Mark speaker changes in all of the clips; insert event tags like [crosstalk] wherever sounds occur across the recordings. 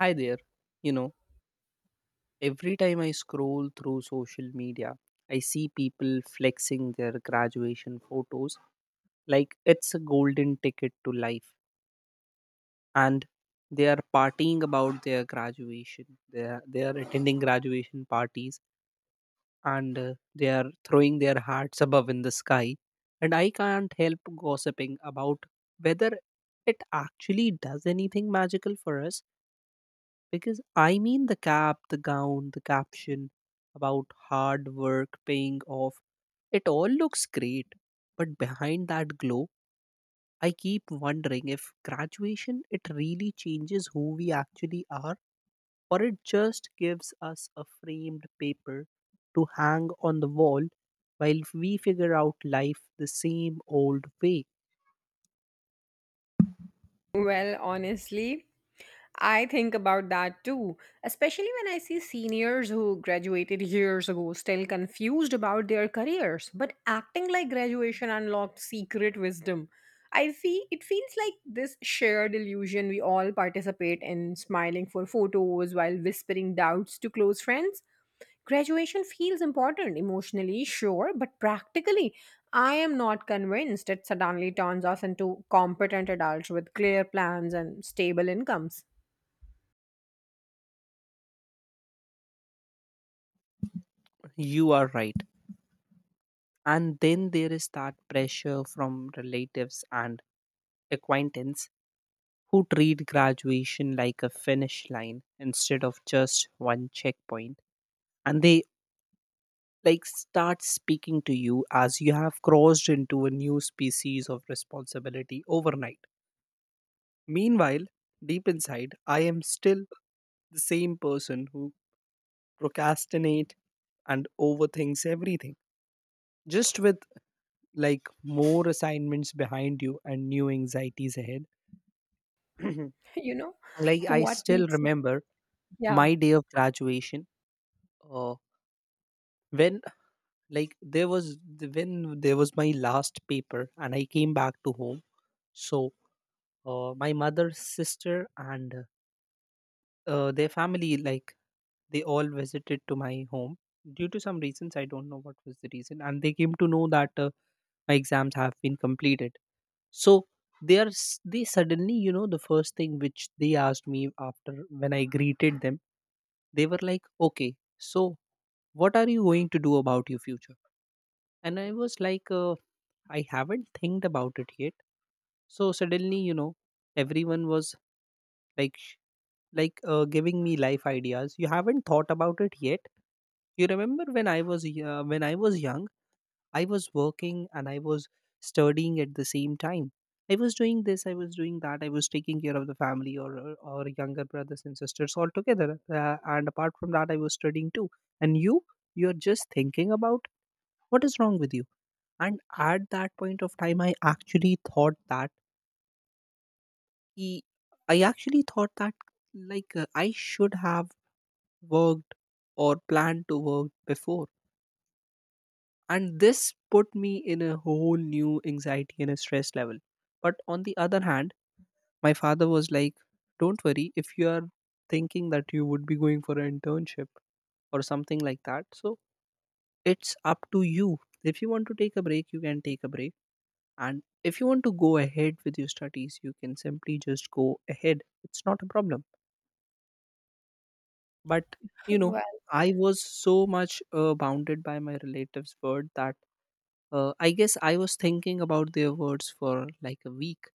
Speaker 1: Hi there. You know, every time I scroll through social media, I see people flexing their graduation photos like it's a golden ticket to life. And they are partying about their graduation. They are attending graduation parties and they are throwing their hearts above in the sky. And I can't help gossiping about whether it actually does anything magical for us. Because I mean the cap, the gown, the caption about hard work paying off, it all looks great. But behind that glow, I keep wondering if graduation it really changes who we actually are or it just gives us a framed paper to hang on the wall while we figure out life the same old way.
Speaker 2: Well, honestly, I think about that too, especially when I see seniors who graduated years ago still confused about their careers, but acting like graduation unlocked secret wisdom. I feel it feels like this shared illusion we all participate in, smiling for photos while whispering doubts to close friends. Graduation feels important emotionally, sure, but practically, I am not convinced it suddenly turns us into competent adults with clear plans and stable incomes.
Speaker 1: You are right. And then there is that pressure from relatives and acquaintance who treat graduation like a finish line instead of just one checkpoint, and they like start speaking to you as you have crossed into a new species of responsibility overnight. Meanwhile, deep inside I am still the same person who procrastinate and overthinks everything, just with like more assignments behind you and new anxieties ahead. [clears throat]
Speaker 2: [laughs] you know
Speaker 1: Like I
Speaker 2: what
Speaker 1: still
Speaker 2: makes it
Speaker 1: remember
Speaker 2: yeah.
Speaker 1: my day of graduation uh, when like when there was my last paper and I came back to home. So my mother's sister and their family, like they all visited to my home due to some reasons. I don't know what was the reason, and they came to know that my exams have been completed. So they suddenly, you know, the first thing which they asked me after when I greeted them, they were like, okay, so what are you going to do about your future? And I was like, I haven't think about it yet. So suddenly, you know, everyone was like sh- like giving me life ideas. You haven't thought about it yet. You remember when when I was young, I was working and I was studying at the same time. I was doing this, I was doing that, I was taking care of the family or or younger brothers and sisters all together. And apart from that, I was studying too. And you, you're just thinking about what is wrong with you. And at that point of time I actually thought that he I actually thought that like I should have worked or planned to work before, and this put me in a whole new anxiety and a stress level. But on the other hand, my father was like, don't worry. If you are thinking that you would be going for an internship or something like that, so it's up to you. If you want to take a break, you can take a break. And if you want to go ahead with your studies, you can simply just go ahead. It's not a problem. But, you know,
Speaker 2: well
Speaker 1: I was so much bounded by my relatives' word that I guess I was thinking about their words for like a week.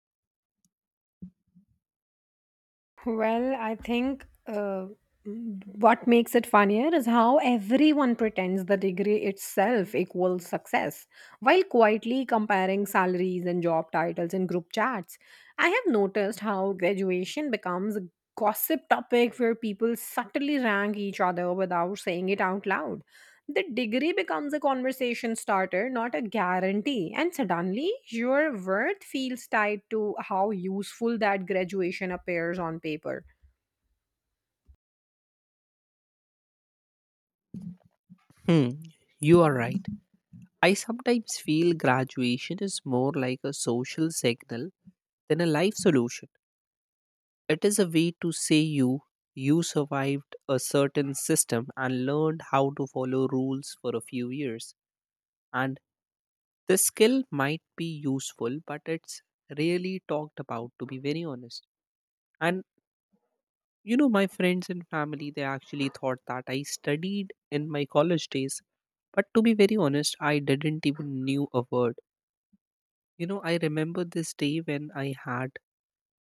Speaker 2: Well, I think uh, m- what makes it funnier is how everyone pretends the degree itself equals success, while quietly comparing salaries and job titles in group chats. I have noticed how graduation becomes a gossip topic where people subtly rank each other without saying it out loud. The degree becomes a conversation starter, not a guarantee. And suddenly, your worth feels tied to how useful that graduation appears on paper.
Speaker 1: Hmm, you are right. I sometimes feel graduation is more like a social signal than a life solution. It is a way to say you survived a certain system and learned how to follow rules for a few years. And this skill might be useful, but it's really talked about, to be very honest. And you know, my friends and family, they actually thought that I studied in my college days. But to be very honest, I didn't even knew a word. You know, I remember this day when I had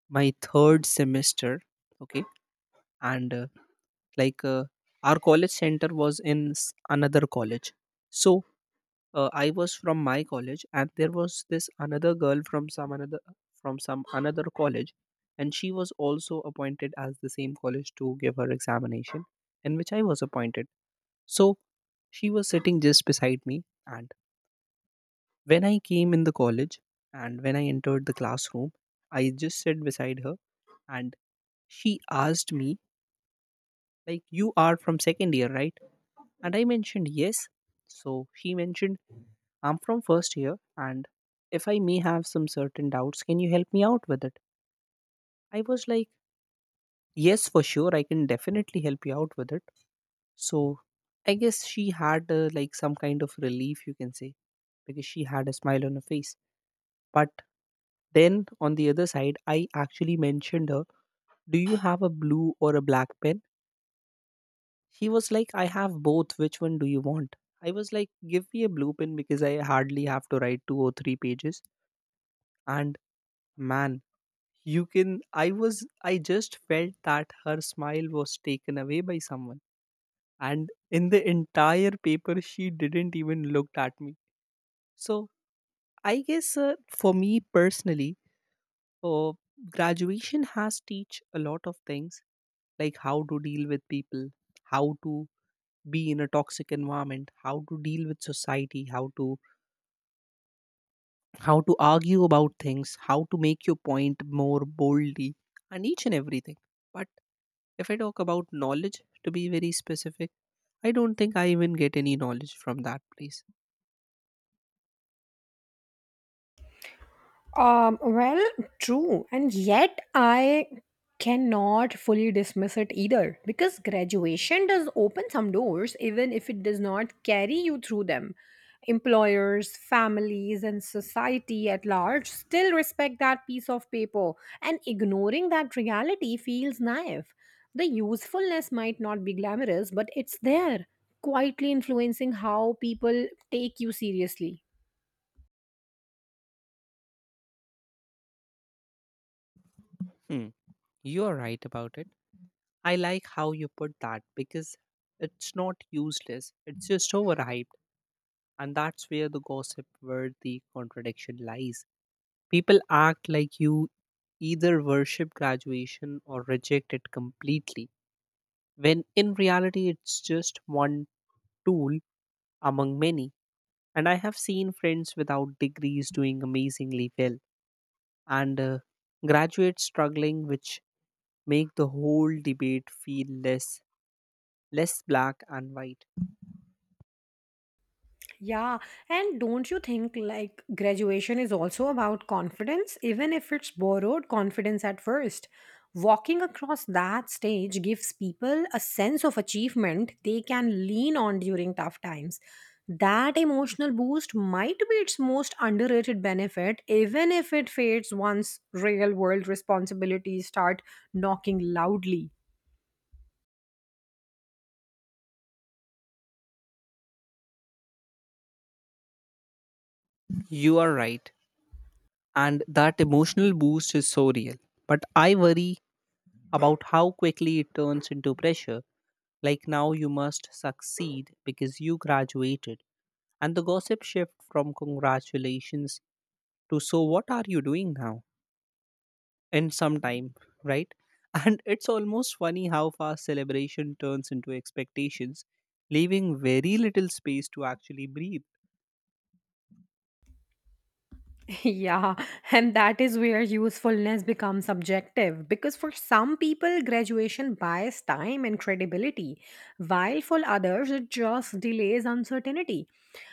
Speaker 1: my third semester. Okay, and like our college center was in another college. So I was from my college and there was this another girl from some another college, and she was also appointed as the same college to give her examination in which I was appointed. So she was sitting just beside me, and when I came in the college and when I entered the classroom, I just sat beside her. And she asked me, like, you are from second year, right? And I mentioned yes. So she mentioned, I'm from first year, and if I may have some certain doubts, can you help me out with it? I was like, yes, for sure, I can definitely help you out with it. So I guess she had like some kind of relief, you can say, because she had a smile on her face. But then on the other side, I actually mentioned her, do you have a blue or a black pen? She was like, I have both. Which one do you want? I was like, give me a blue pen because I hardly have to write two or three pages. And man, You can I was I just felt that her smile was taken away by someone, and in the entire paper she didn't even look at me. So I guess for me personally, uh, graduation has teach a lot of things, like how to deal with people, how to be in a toxic environment, how to deal with society, how to argue about things, how to make your point more boldly and each and everything. But if I talk about knowledge, to be very specific, I don't think I even get any knowledge from that place.
Speaker 2: Well, true, and yet I cannot fully dismiss it either because graduation does open some doors, even if it does not carry you through them. Employers, families, and society at large still respect that piece of paper, and ignoring that reality feels naive. The usefulness might not be glamorous, but it's there, quietly influencing how people take you seriously.
Speaker 1: Hmm, you are right about it. I like how you put that because it's not useless, it's just overhyped. And that's where the gossip, where the contradiction lies. People act like you either worship graduation or reject it completely, when in reality, it's just one tool among many. And I have seen friends without degrees doing amazingly well, and graduates struggling, which make the whole debate feel less black and white.
Speaker 2: Yeah, and don't you think like graduation is also about confidence, even if it's borrowed confidence at first? Walking across that stage gives people a sense of achievement they can lean on during tough times. That emotional boost might be its most underrated benefit, even if it fades once real world responsibilities start knocking loudly.
Speaker 1: You are right, and that emotional boost is so real. But I worry about how quickly it turns into pressure, like now you must succeed because you graduated, and the gossip shift from congratulations to so what are you doing now in some time, right? [laughs] And it's almost funny how fast celebration turns into expectations, leaving very little space to actually breathe.
Speaker 2: [laughs] Yeah, and that is where usefulness becomes subjective because for some people, graduation buys time and credibility, while for others, it just delays uncertainty.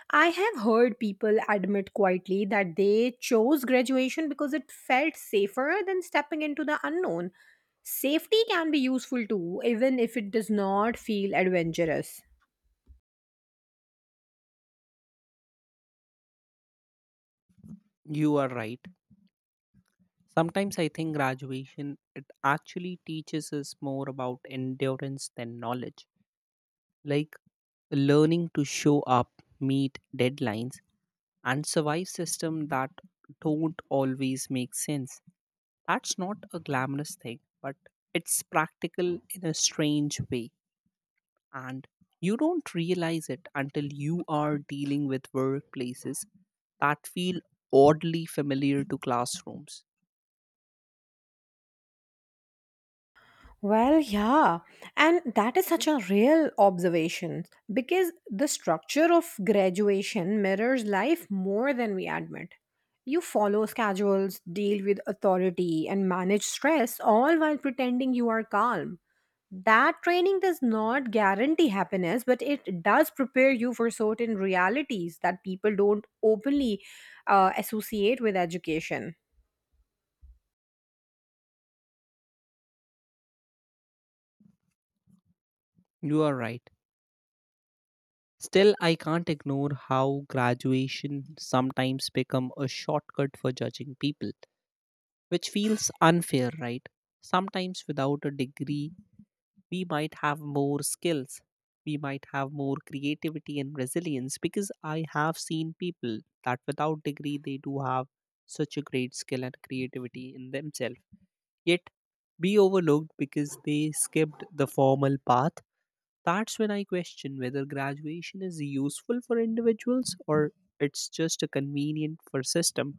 Speaker 2: I have heard people admit quietly that they chose graduation because it felt safer than stepping into the unknown. Safety can be useful too, even if it does not feel adventurous.
Speaker 1: You are right. Sometimes I think graduation it actually teaches us more about endurance than knowledge. Like learning to show up, meet deadlines, and survive systems that don't always make sense. That's not a glamorous thing, but it's practical in a strange way. And you don't realize it until you are dealing with workplaces that feel oddly familiar to classrooms.
Speaker 2: Well, yeah, and that is such a real observation because the structure of graduation mirrors life more than we admit. You follow schedules, deal with authority, and manage stress all while pretending you are calm. That training does not guarantee happiness, but it does prepare you for certain realities that people don't openly associate with education.
Speaker 1: You are right. Still, I can't ignore how graduation sometimes become a shortcut for judging people, which feels unfair, right? Sometimes without a degree, we might have more skills, we might have more creativity and resilience, because I have seen people that without degree they do have such a great skill and creativity in themselves. Yet be overlooked because they skipped the formal path. That's when I question whether graduation is useful for individuals or it's just a convenient for system.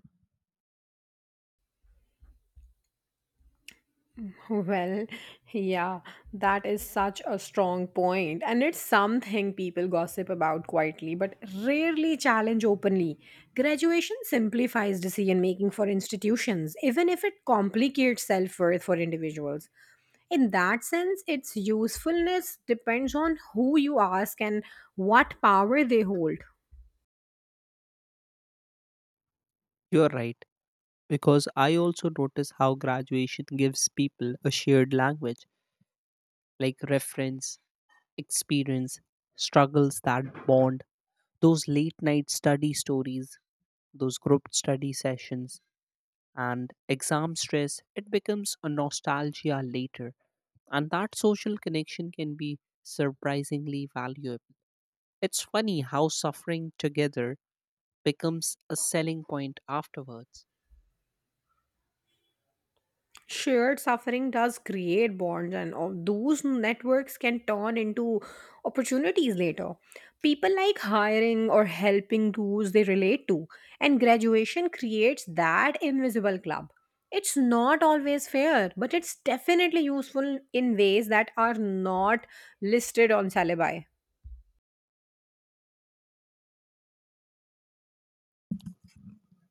Speaker 2: Well, yeah, that is such a strong point, and it's something people gossip about quietly but rarely challenge openly. Graduation simplifies decision making for institutions, even if it complicates self worth for individuals. In that sense, its usefulness depends on who you ask and what power they hold.
Speaker 1: You're right, because I also notice how graduation gives people a shared language, like reference, experience, struggles that bond, those late night study stories, those group study sessions, and exam stress. It becomes a nostalgia later, and that social connection can be surprisingly valuable. It's funny how suffering together becomes a selling point afterwards.
Speaker 2: Shared suffering does create bonds, and all those networks can turn into opportunities later. People like hiring or helping those they relate to, and graduation creates that invisible club. It's not always fair, but it's definitely useful in ways that are not listed on syllabi.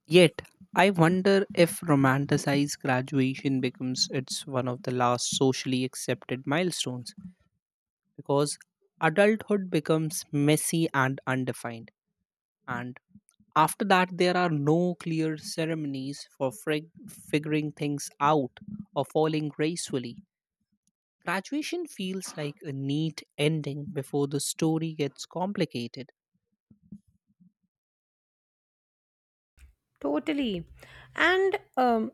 Speaker 1: Yet, I wonder if romanticized graduation becomes it's one of the last socially accepted milestones because adulthood becomes messy and undefined. And after that, there are no clear ceremonies for figuring things out or falling gracefully. Graduation feels like a neat ending before the story gets complicated.
Speaker 2: Totally. And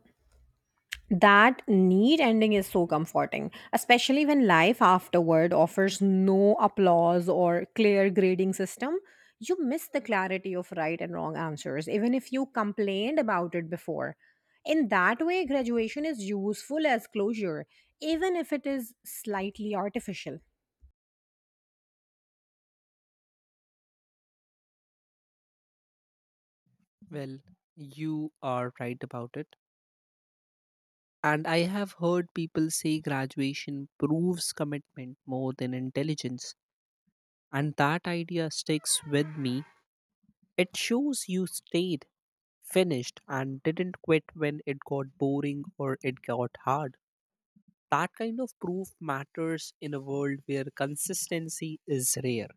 Speaker 2: that neat ending is so comforting, especially when life afterward offers no applause or clear grading system. You miss the clarity of right and wrong answers, even if you complained about it before. In that way, graduation is useful as closure, even if it is slightly artificial.
Speaker 1: Well, you are right about it. And I have heard people say graduation proves commitment more than intelligence. And that idea sticks with me. It shows you stayed, finished, and didn't quit when it got boring or it got hard. That kind of proof matters in a world where consistency is rare.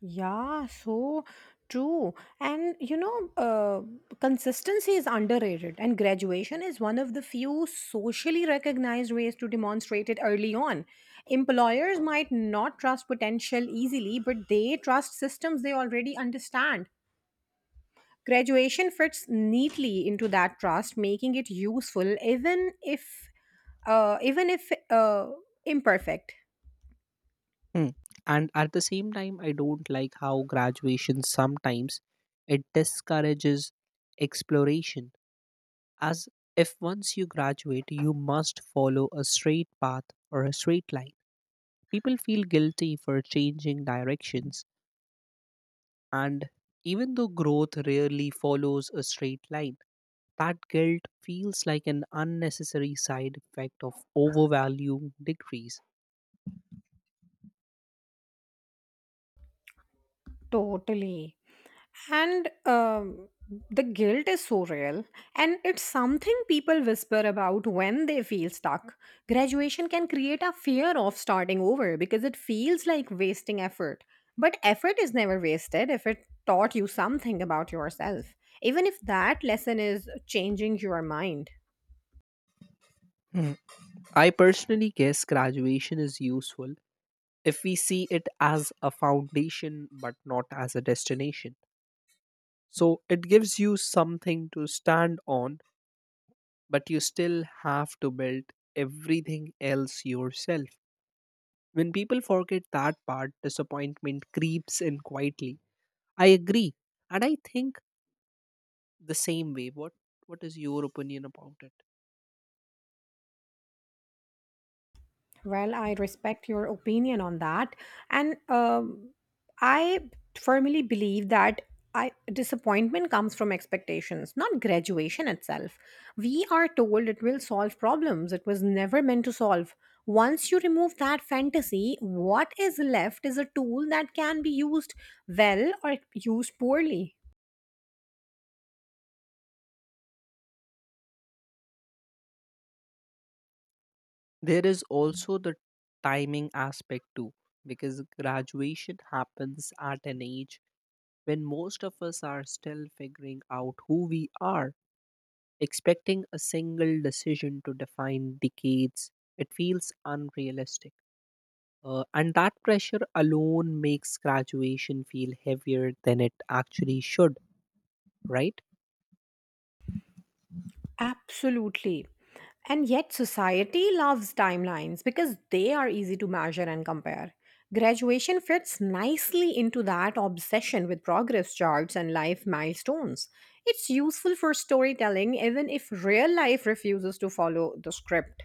Speaker 2: Yeah, so true. And you know, consistency is underrated, and graduation is one of the few socially recognized ways to demonstrate it early on. Employers might not trust potential easily, but they trust systems they already understand. Graduation fits neatly into that trust, making it useful even if imperfect.
Speaker 1: Hmm. And at the same time, I don't like how graduation sometimes it discourages exploration, as if once you graduate, you must follow a straight path or a straight line. People feel guilty for changing directions, and even though growth rarely follows a straight line, that guilt feels like an unnecessary side effect of overvaluing degrees.
Speaker 2: Totally. And the guilt is so real. And it's something people whisper about when they feel stuck. Graduation can create a fear of starting over because it feels like wasting effort. But effort is never wasted if it taught you something about yourself, even if that lesson is changing your mind.
Speaker 1: Hmm. I personally guess graduation is useful if we see it as a foundation but not as a destination. So it gives you something to stand on, but you still have to build everything else yourself. When people forget that part, disappointment creeps in quietly. I agree. And I think the same way. What is your opinion about it?
Speaker 2: Well, I respect your opinion on that. And I firmly believe that disappointment comes from expectations, not graduation itself. We are told it will solve problems it was never meant to solve. Once you remove that fantasy, what is left is a tool that can be used well or used poorly.
Speaker 1: There is also the timing aspect too, because graduation happens at an age when most of us are still figuring out who we are. Expecting a single decision to define decades, it feels unrealistic. And that pressure alone makes graduation feel heavier than it actually should, right?
Speaker 2: Absolutely. And yet, society loves timelines because they are easy to measure and compare. Graduation fits nicely into that obsession with progress charts and life milestones. It's useful for storytelling, even if real life refuses to follow the script.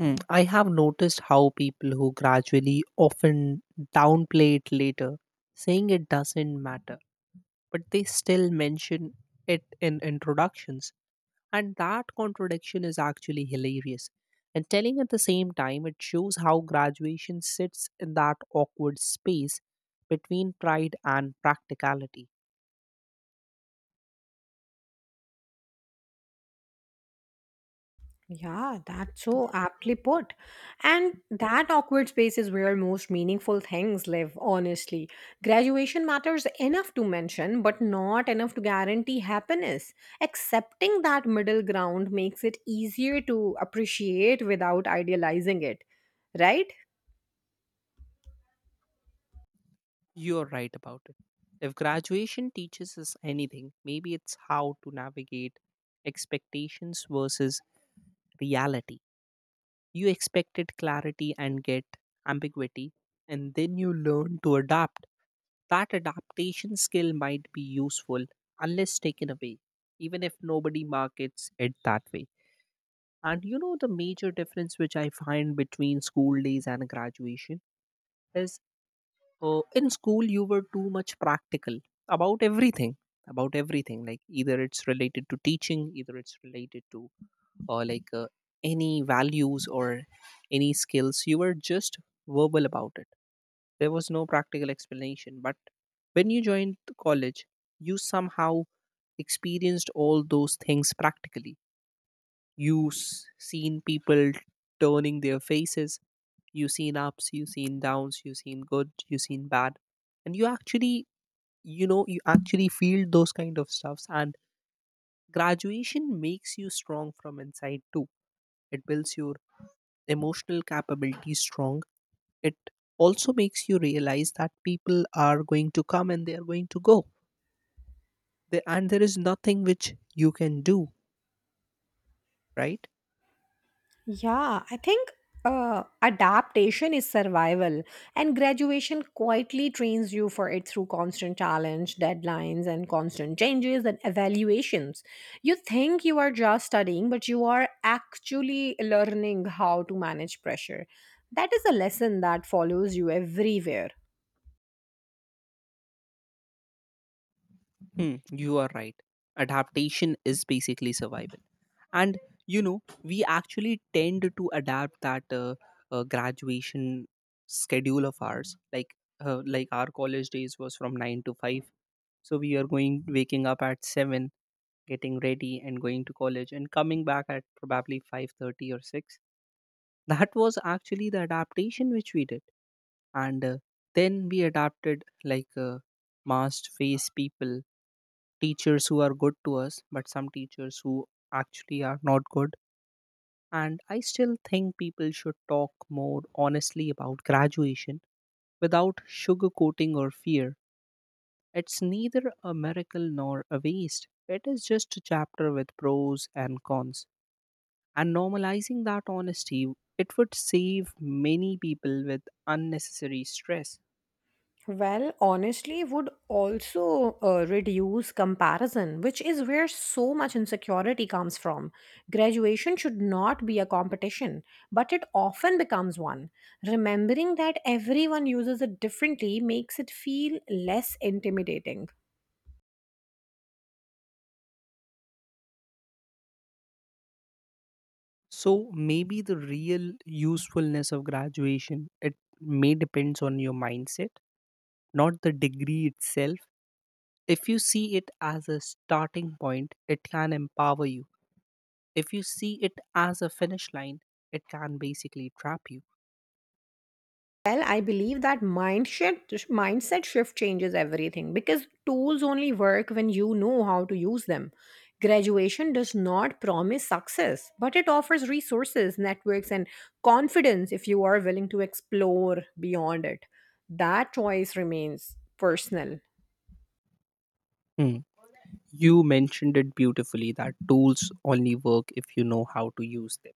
Speaker 1: Mm. I have noticed how people who gradually often downplay it later, saying it doesn't matter, but they still mention it in introductions. And that contradiction is actually hilarious. And telling at the same time, it shows how graduation sits in that awkward space between pride and practicality.
Speaker 2: Yeah, that's so aptly put. And that awkward space is where most meaningful things live, honestly. Graduation matters enough to mention, but not enough to guarantee happiness. Accepting that middle ground makes it easier to appreciate without idealizing it, right?
Speaker 1: You're right about it. If graduation teaches us anything, maybe it's how to navigate expectations versus reality. You expected clarity and get ambiguity, and then you learn to adapt. That adaptation skill might be useful unless taken away, even if nobody markets it that way. And the major difference which I find between school days and graduation is. In school, you were too much practical about everything, about everything. Like either it's related to teaching, either it's related to uh, like uh, any values or any skills. You were just verbal about it. There was no practical explanation. But when you joined the college, you somehow experienced all those things practically. You seen people turning their faces. You seen ups. You seen downs. You seen good. You seen bad, and you actually feel those kind of stuffs. And graduation makes you strong from inside too. It builds your emotional capability strong. It also makes you realize that people are going to come and they are going to go there, and there is nothing which you can do, right?
Speaker 2: Yeah, I think adaptation is survival, and graduation quietly trains you for it through constant challenge, deadlines, and constant changes and evaluations. You think you are just studying, but you are actually learning how to manage pressure. That is a lesson that follows you everywhere.
Speaker 1: Hmm, you are right. Adaptation is basically survival. And we actually tend to adapt that graduation schedule of ours, like our college days was from 9 to 5, so we are going waking up at 7, getting ready and going to college and coming back at probably 5:30 or 6. That was actually the adaptation which we did. And then we adapted, like masked face people, teachers who are good to us but some teachers who actually are not good. And I still think people should talk more honestly about graduation without sugarcoating or fear. It's neither a miracle nor a waste. It is just a chapter with pros and cons. And normalizing that honesty, it would save many people with unnecessary stress.
Speaker 2: Well, honestly, would also reduce comparison, which is where so much insecurity comes from. Graduation should not be a competition, but it often becomes one. Remembering that everyone uses it differently makes it feel less intimidating.
Speaker 1: So maybe the real usefulness of graduation it may depends on your mindset, not the degree itself. If you see it as a starting point, it can empower you. If you see it as a finish line, it can basically trap you.
Speaker 2: Well, I believe that mindset shift changes everything because tools only work when you know how to use them. Graduation does not promise success, but it offers resources, networks, and confidence if you are willing to explore beyond it. That choice remains personal.
Speaker 1: Hmm. You mentioned it beautifully that tools only work if you know how to use them.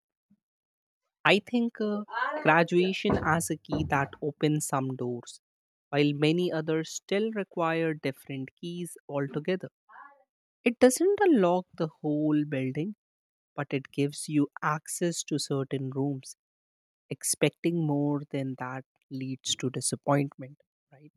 Speaker 1: I think graduation as a key that opens some doors, while many others still require different keys altogether. It doesn't unlock the whole building, but it gives you access to certain rooms. Expecting more than that leads to disappointment, right?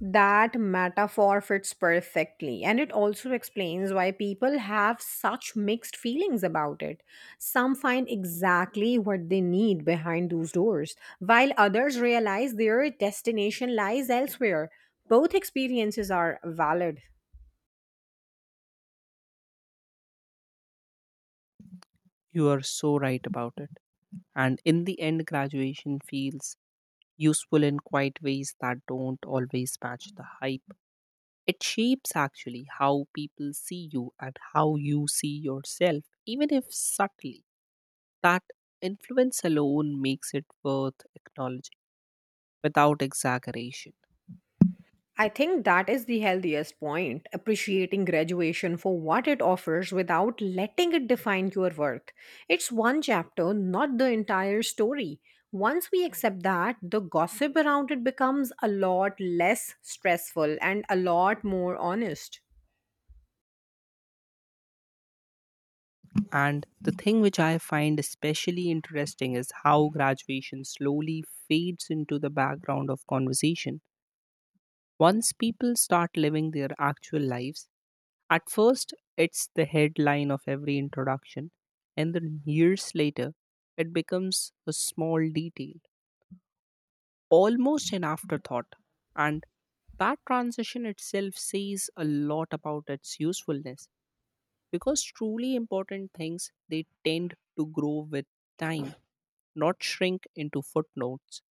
Speaker 2: That metaphor fits perfectly, and it also explains why people have such mixed feelings about it. Some find exactly what they need behind those doors, while others realize their destination lies elsewhere. Both experiences are valid.
Speaker 1: You are so right about it. And in the end, graduation feels useful in quite ways that don't always match the hype. It shapes actually how people see you and how you see yourself, even if subtly. That influence alone makes it worth acknowledging without exaggeration.
Speaker 2: I think that is the healthiest point, appreciating graduation for what it offers without letting it define your worth. It's one chapter, not the entire story. Once we accept that, the gossip around it becomes a lot less stressful and a lot more honest.
Speaker 1: And the thing which I find especially interesting is how graduation slowly fades into the background of conversation. Once people start living their actual lives, at first it's the headline of every introduction, and then years later it becomes a small detail, almost an afterthought. And that transition itself says a lot about its usefulness, because truly important things they tend to grow with time, not shrink into footnotes.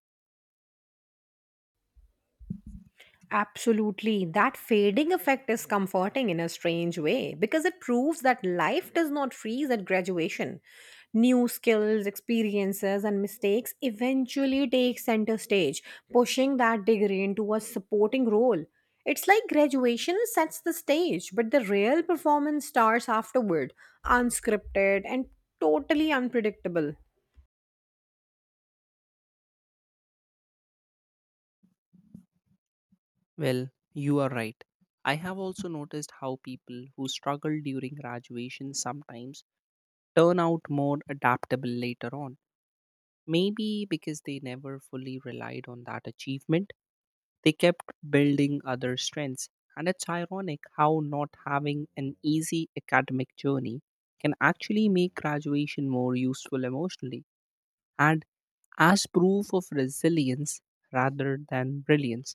Speaker 2: Absolutely. That fading effect is comforting in a strange way because it proves that life does not freeze at graduation. New skills, experiences, and mistakes eventually take center stage, pushing that degree into a supporting role. It's like graduation sets the stage, but the real performance starts afterward, unscripted and totally unpredictable.
Speaker 1: Well, you are right. I have also noticed how people who struggle during graduation sometimes turn out more adaptable later on. Maybe because they never fully relied on that achievement, they kept building other strengths. And it's ironic how not having an easy academic journey can actually make graduation more useful emotionally and as proof of resilience rather than brilliance.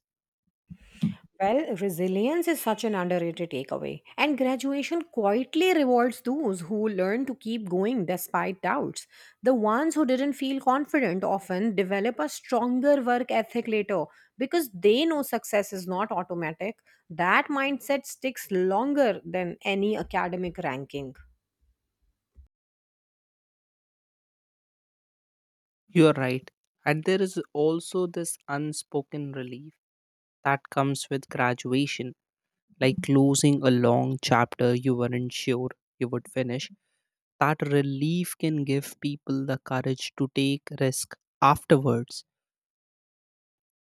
Speaker 2: Well, resilience is such an underrated takeaway, and graduation quietly rewards those who learn to keep going despite doubts. The ones who didn't feel confident often develop a stronger work ethic later because they know success is not automatic. That mindset sticks longer than any academic ranking.
Speaker 1: You are right. And there is also this unspoken relief that comes with graduation, like closing a long chapter you weren't sure you would finish. That relief can give people the courage to take risk afterwards,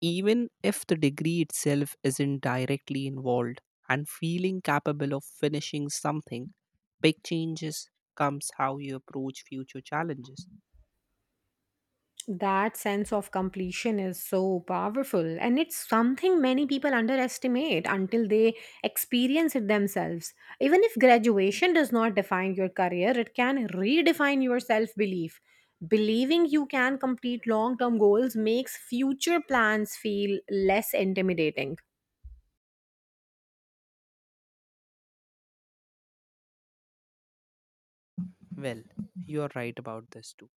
Speaker 1: even if the degree itself isn't directly involved. And feeling capable of finishing something, big changes comes how you approach future challenges.
Speaker 2: That sense of completion is so powerful, and it's something many people underestimate until they experience it themselves. Even if graduation does not define your career, it can redefine your self belief. Believing you can complete long term goals makes future plans feel less intimidating.
Speaker 1: Well, you are right about this too.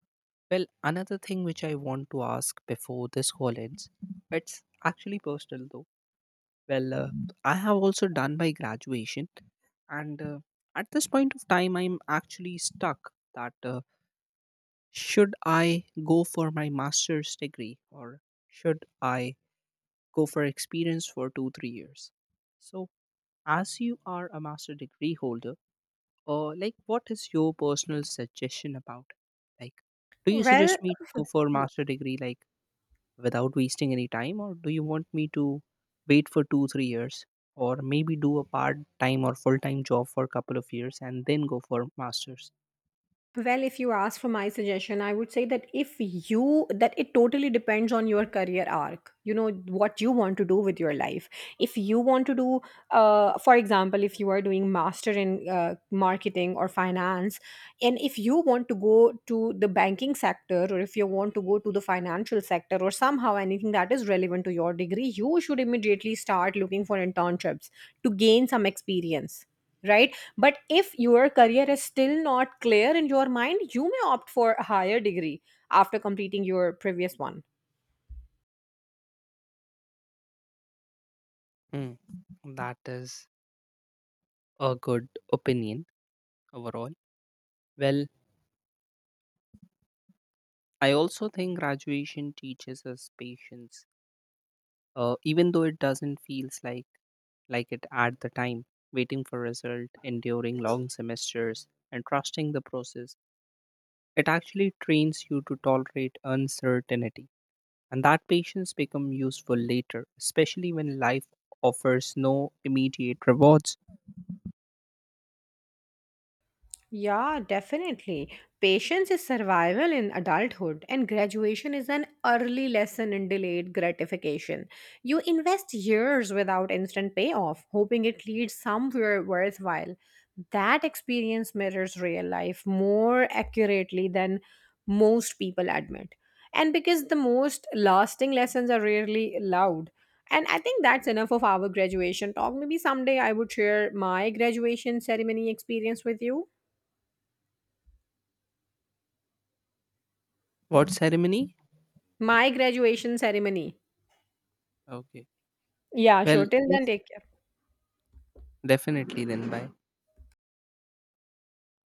Speaker 1: Well, another thing which I want to ask before this call ends, it's actually personal though. Well, I have also done my graduation, and at this point of time, I'm actually stuck that should I go for my master's degree or should I go for experience for 2, 3 years? So, as you are a master degree holder, like what is your personal suggestion about it? Like, do you
Speaker 2: Well,
Speaker 1: suggest me to go for master degree, like, without wasting any time? Or do you want me to wait for 2 3 years, or maybe do a part time or full time job for a couple of years and then go for masters?
Speaker 2: Well, if you ask for my suggestion, I would say that if you, that it totally depends on your career arc, you know, what you want to do with your life. If you want to do, for example, if you are doing master in marketing or finance, and if you want to go to the banking sector or if you want to go to the financial sector or somehow anything that is relevant to your degree, you should immediately start looking for internships to gain some experience, right? But if your career is still not clear in your mind, you may opt for a higher degree after completing your previous one.
Speaker 1: Hmm, that is a good opinion overall. Well, I also think graduation teaches us patience, even though it doesn't feels like it at the time. Waiting for result, enduring long semesters, and trusting the process, it actually trains you to tolerate uncertainty. And that patience becomes useful later, especially when life offers no immediate rewards.
Speaker 2: Yeah, definitely. Patience is survival in adulthood, and graduation is an early lesson in delayed gratification. You invest years without instant payoff, hoping it leads somewhere worthwhile. That experience mirrors real life more accurately than most people admit. And because the most lasting lessons are rarely loud. And I think that's enough of our graduation talk. Maybe someday I would share my graduation ceremony experience with you.
Speaker 1: What ceremony?
Speaker 2: My graduation ceremony.
Speaker 1: Okay.
Speaker 2: Yeah,
Speaker 1: Well,
Speaker 2: sure. Till
Speaker 1: yes,
Speaker 2: then, take care.
Speaker 1: definitely. Then bye.